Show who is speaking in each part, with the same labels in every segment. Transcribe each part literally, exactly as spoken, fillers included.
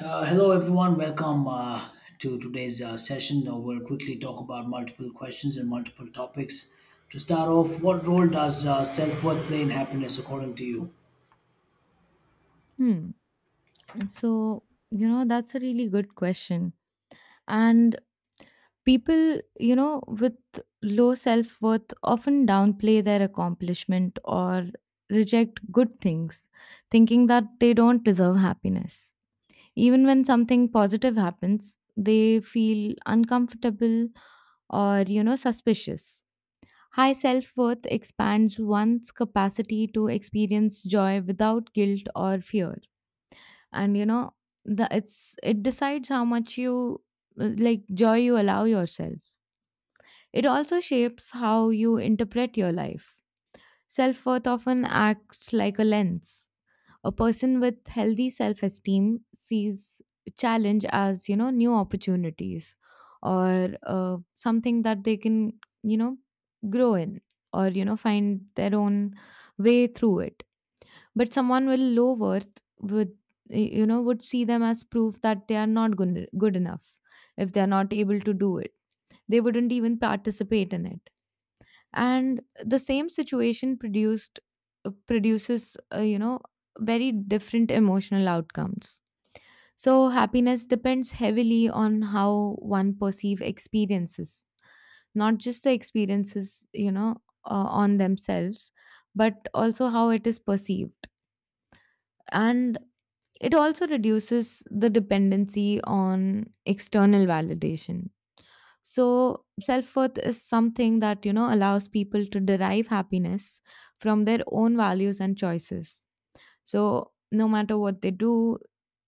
Speaker 1: Uh, hello, everyone. Welcome uh, to today's uh, session. Uh, we'll quickly talk about multiple questions and multiple topics. To start off, what role does uh, self worth play in happiness according to you?
Speaker 2: Hmm. So, you know, that's a really good question. And people, you know, with low self worth often downplay their accomplishment or reject good things, thinking that they don't deserve happiness. Even when something positive happens, they feel uncomfortable or, you know, suspicious. High self worth expands one's capacity to experience joy without guilt or fear, and you know the it's it decides how much you uh, like joy you allow yourself. It also shapes how you interpret your life. Self-worth often acts like a lens. A person with healthy self-esteem sees challenge as you know new opportunities, or uh, something that they can you know grow in, or you know find their own way through it. But someone with low worth would y- you know would see them as proof that they are not good, good enough if they are not able to do it. They wouldn't even participate in it, and the same situation produced uh, produces, uh, you know very different emotional outcomes. So happiness depends heavily on how one perceive experiences, not just the experiences, you know uh, on themselves, but also how it is perceived. And it also reduces the dependency on external validation. So, self worth is something that, you know, allows people to derive happiness from their own values and choices. So, no matter what they do,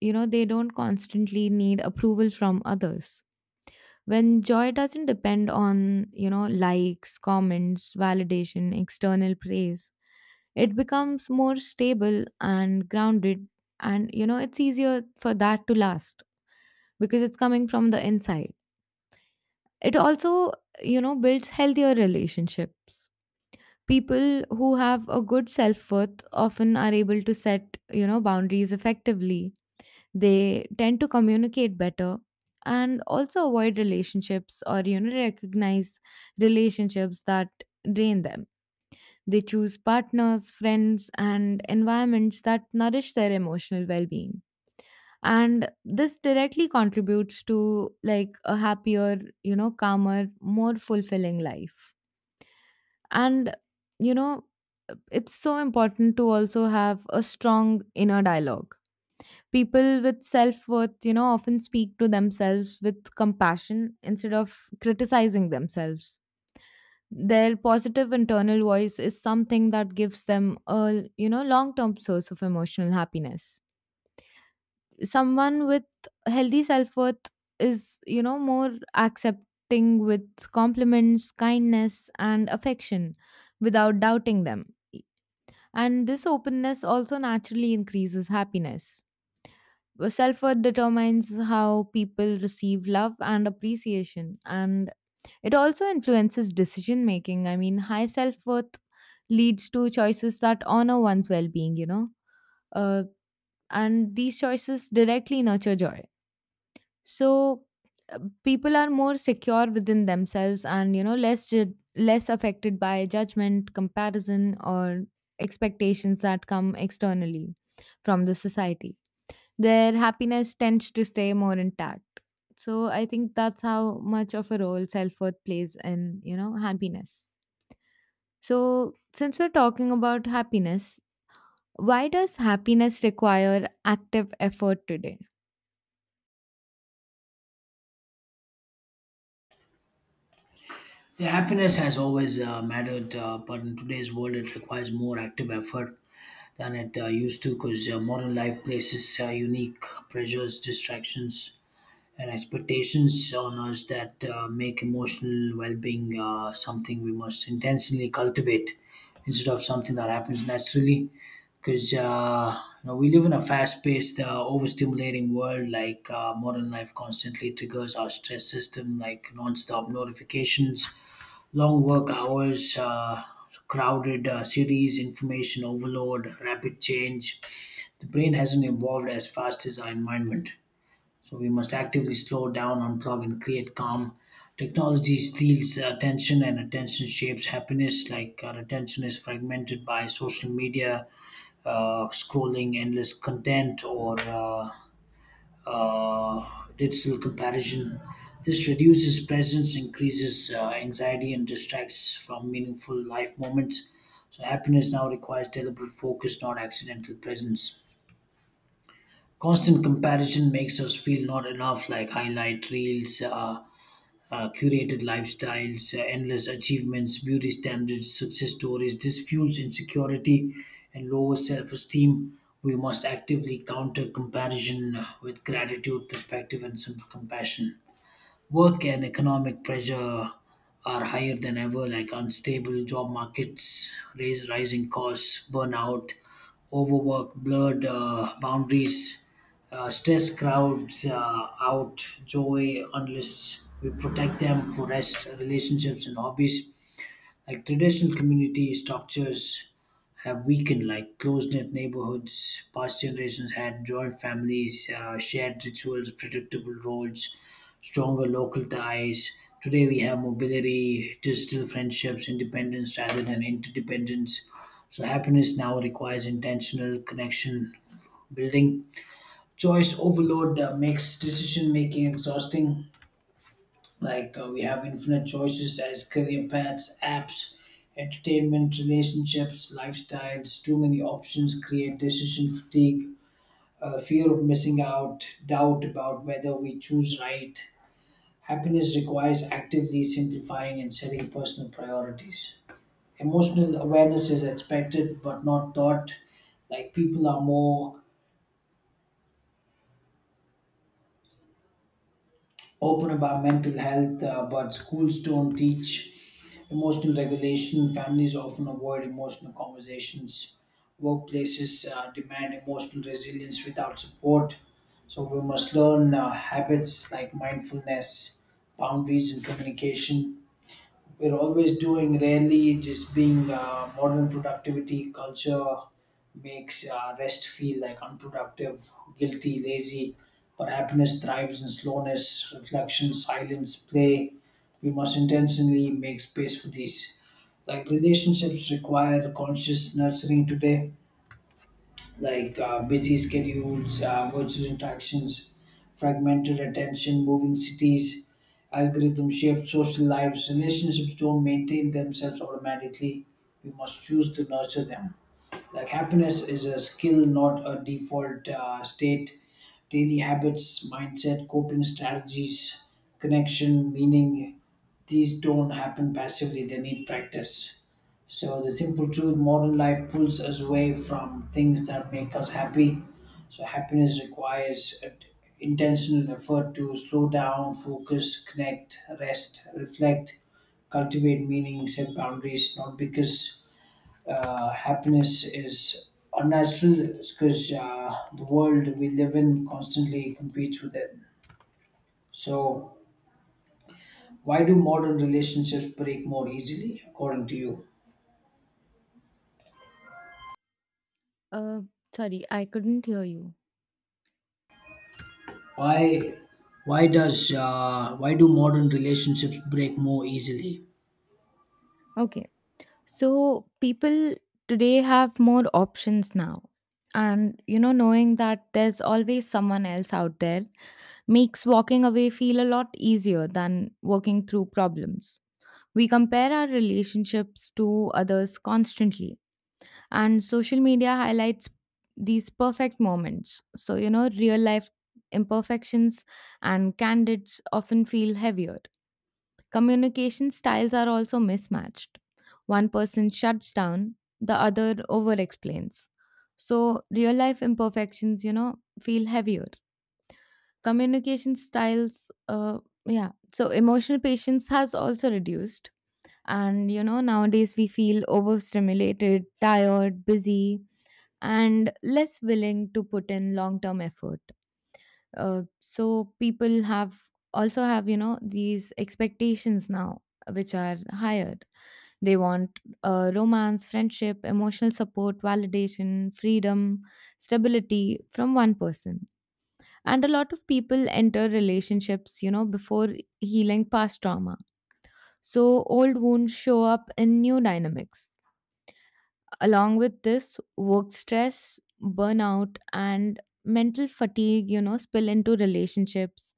Speaker 2: you know, they don't constantly need approval from others. When joy doesn't depend on, you know likes, comments, validation, external praise, it becomes more stable and grounded, and you know it's easier for that to last, because it's coming from the inside. It also, you know builds healthier relationships. People who have a good self-worth often are able to set, you know boundaries effectively. They tend to communicate better and also avoid relationships, or you know recognize relationships that drain them. They choose partners, friends, and environments that nourish their emotional well-being. And this directly contributes to like a happier, you know, calmer, more fulfilling life. And, you know, it's so important to also have a strong inner dialogue. People with self worth, you know, often speak to themselves with compassion instead of criticizing themselves. Their positive internal voice is something that gives them a, you know, long term source of emotional happiness. Someone with healthy self worth is, you know, more accepting with compliments, kindness, and affection without doubting them. And this openness also naturally increases happiness. Self worth determines how people receive love and appreciation, and it also influences decision making. I mean, high self worth leads to choices that honor one's well being, you know, uh, and these choices directly nurture joy. So, uh, people are more secure within themselves and, you know, less, ju- less affected by judgment, comparison, or expectations that come externally from the society. Their happiness tends to stay more intact. So I think that's how much of a role self worth plays in, you know, happiness. So since we're talking about happiness, why does happiness require active effort today?
Speaker 1: Yeah, happiness has always uh, mattered, uh, but in today's world, it requires more active effort than it uh, used to, because uh, modern life places uh, unique pressures, distractions, and expectations on us that uh, make emotional well-being uh, something we must intentionally cultivate instead of something that happens naturally because uh, you know we live in a fast-paced uh, overstimulating world. Like uh, modern life constantly triggers our stress system, like non-stop notifications, long work hours, uh, crowded uh, cities, information overload, rapid change. The brain hasn't evolved as fast as our environment, so we must actively slow down, unplug, and create calm. Technology steals attention, and attention shapes happiness. Like, our attention is fragmented by social media, uh, scrolling, endless content, or uh, uh, digital comparison. This reduces presence, increases uh, anxiety, and distracts from meaningful life moments. So happiness now requires deliberate focus, not accidental presence. Constant comparison makes us feel not enough, like highlight reels, uh, uh, curated lifestyles, uh, endless achievements, beauty standards, success stories. This fuels insecurity and lower self esteem. We must actively counter comparison with gratitude, perspective, and simple compassion. Work and economic pressure are higher than ever, like unstable job markets, raise, rising costs, burnout, overwork, blurred uh, boundaries. Uh, stress crowds uh, out joy unless we protect them for rest, relationships, and hobbies. Like traditional community structures have weakened, like close knit neighborhoods. Past generations had joint families, uh, shared rituals, predictable roles, stronger local ties. Today we have mobility, digital friendships, independence rather than interdependence. So happiness now requires intentional connection building. Choice overload uh, makes decision making exhausting. Like uh, we have infinite choices as career paths, apps, entertainment, relationships, lifestyles. Too many options create decision fatigue, uh, fear of missing out, doubt about whether we choose right. Happiness requires actively simplifying and setting personal priorities. Emotional awareness is expected but not taught. Like, people are more open about mental health, uh, but schools don't teach emotional regulation. Families often avoid emotional conversations. Workplaces uh, demand emotional resilience without support. So we must learn uh, habits like mindfulness, boundaries, and communication. We're always doing, rarely just being. Uh, modern productivity culture makes uh, rest feel like unproductive, guilty, lazy, but happiness thrives in slowness, reflection, silence, play. We must intentionally make space for these. Like, relationships require conscious nurturing today. Like uh, busy schedules, uh, virtual interactions, fragmented attention, moving cities, algorithm shaped social lives. Relationships don't maintain themselves automatically. We must choose to nurture them. Like, happiness is a skill, not a default uh, state. Daily habits, mindset, coping strategies, connection, meaning, these don't happen passively, they need practice. So the simple truth, modern life pulls us away from things that make us happy. So happiness requires a t- intentional effort to slow down, focus, connect, rest, reflect, cultivate meaning, set boundaries. Not because uh, happiness is unnatural, it's because uh, the world we live in constantly competes with it. So why do modern relationships break more easily, according to you?
Speaker 2: Uh, Sorry, I couldn't hear you.
Speaker 1: Why why does uh, why do modern relationships break more easily?
Speaker 2: Okay. So people today have more options now. And you know, knowing that there's always someone else out there makes walking away feel a lot easier than working through problems. We compare our relationships to others constantly, and social media highlights these perfect moments. So, you know, real life imperfections and candidates often feel heavier. Communication styles are also mismatched. One person shuts down, the other over explains. So, real life imperfections, you know, feel heavier. Communication styles, uh, yeah. So, emotional patience has also reduced, and you know, nowadays we feel overstimulated, tired, busy, and less willing to put in long term effort. Uh, so people have also have you know these expectations now, which are higher. They want uh, romance, friendship, emotional support, validation, freedom, stability from one person. And a lot of people enter relationships, you know, before healing past trauma. So old wounds show up in new dynamics. Along with this, work stress, burnout, and mental fatigue, you know, spill into relationships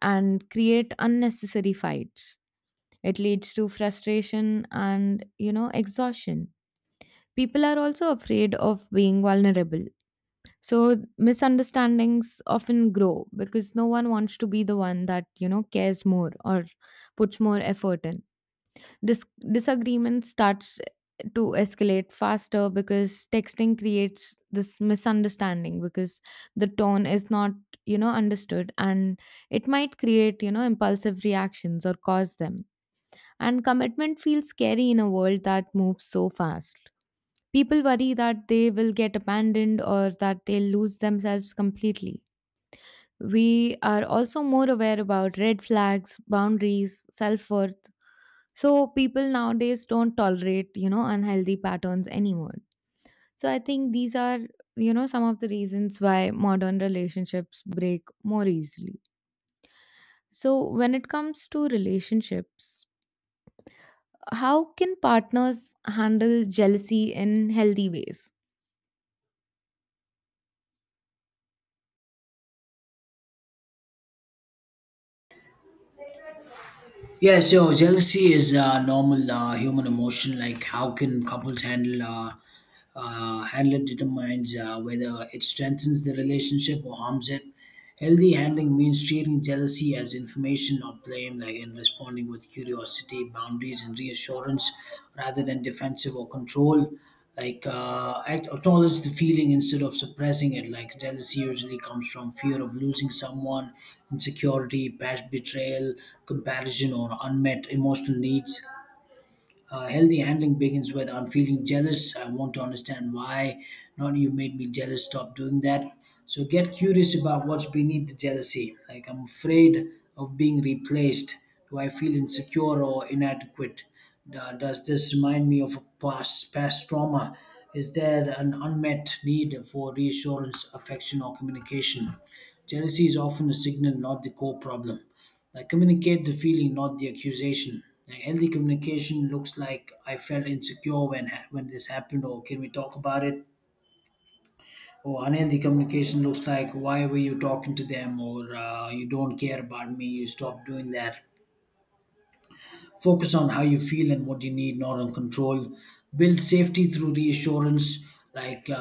Speaker 2: and create unnecessary fights. It leads to frustration and, you know, exhaustion. People are also afraid of being vulnerable. So misunderstandings often grow because no one wants to be the one that, you know, cares more or puts more effort in. Dis- Disagreement starts to escalate faster because texting creates this misunderstanding, because the tone is not you know understood, and it might create you know impulsive reactions or cause them. And commitment feels scary in a world that moves so fast. People worry that they will get abandoned or that they'll lose themselves completely. We are also more aware about red flags, boundaries, self-worth. So people nowadays don't tolerate, you know, unhealthy patterns anymore. So I think these are, you know, some of the reasons why modern relationships break more easily. So when it comes to relationships, how can partners handle jealousy in healthy ways?
Speaker 1: Yeah, so jealousy is a normal uh, human emotion. Like, how can couples handle uh, Uh, handling determines uh, whether it strengthens the relationship or harms it. Healthy handling means treating jealousy as information, not blame, like, and responding with curiosity, boundaries, and reassurance rather than defensive or control. Like, uh, act, acknowledge the feeling instead of suppressing it. Like, jealousy usually comes from fear of losing someone, insecurity, past betrayal, comparison, or unmet emotional needs. Uh, healthy handling begins with I'm feeling jealous. I want to understand why. Not you made me jealous. Stop doing that. So get curious about what's beneath the jealousy. Like, I'm afraid of being replaced. Do I feel insecure or inadequate? Uh, does this remind me of a past past trauma? Is there an unmet need for reassurance, affection, or communication? Jealousy is often a signal, not the core problem. Like, communicate the feeling, not the accusation. Like, healthy communication looks like I felt insecure when ha- when this happened, or can we talk about it? Or unhealthy communication looks like why were you talking to them, or uh, you don't care about me, you stop doing that. Focus on how you feel and what you need, not on control. Build safety through reassurance, like uh,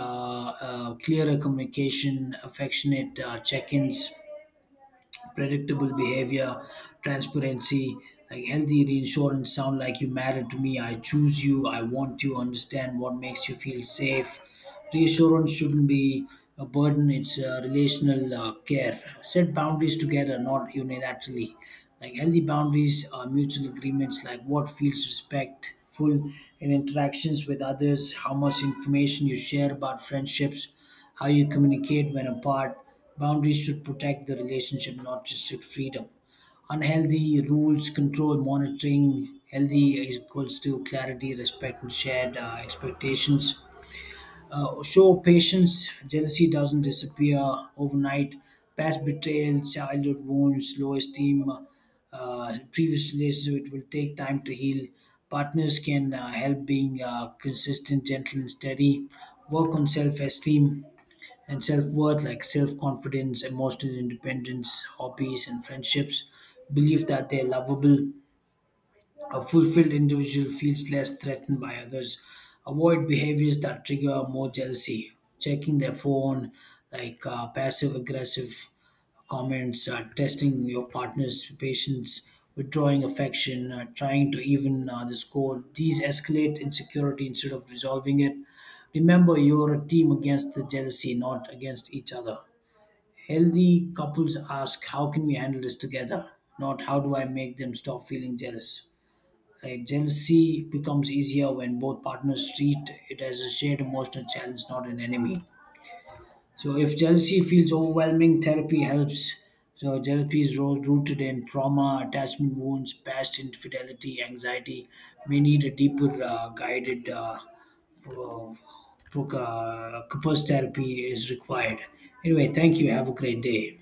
Speaker 1: uh, clearer communication, affectionate uh, check-ins, predictable behavior, transparency. Like, healthy reinsurance sound like you matter to me. I choose you. I want you. Understand what makes you feel safe. Reassurance shouldn't be a burden. It's a relational uh, care. Set boundaries together, not unilaterally. Like, healthy boundaries are mutual agreements, like what feels respectful in interactions with others, how much information you share about friendships, how you communicate when apart. Boundaries should protect the relationship, not restrict freedom. Unhealthy rules control monitoring. Healthy is equals to clarity, respect, and shared uh, expectations. Uh, show patience. Jealousy doesn't disappear overnight. Past betrayal, childhood wounds, low esteem, uh, previous relationships, it will take time to heal. Partners can uh, help being uh, consistent, gentle, and steady. Work on self esteem and self-worth, like self-confidence, emotional independence, hobbies, and friendships. Believe that they're lovable. A fulfilled individual feels less threatened by others. Avoid behaviors that trigger more jealousy, checking their phone, like uh, passive aggressive comments, uh, testing your partner's patience, withdrawing affection, uh, trying to even uh, the score. These escalate insecurity instead of resolving it. Remember, you're a team against the jealousy, not against each other. Healthy couples ask, how can we handle this together? Not how do I make them stop feeling jealous. Like, jealousy becomes easier when both partners treat it as a shared emotional challenge, not an enemy. So if jealousy feels overwhelming, therapy helps. So therapy is ro- rooted in trauma, attachment wounds, past infidelity, anxiety. May need a deeper uh, guided uh, pro- pro- uh, couples therapy is required. Anyway, thank you. Have a great day.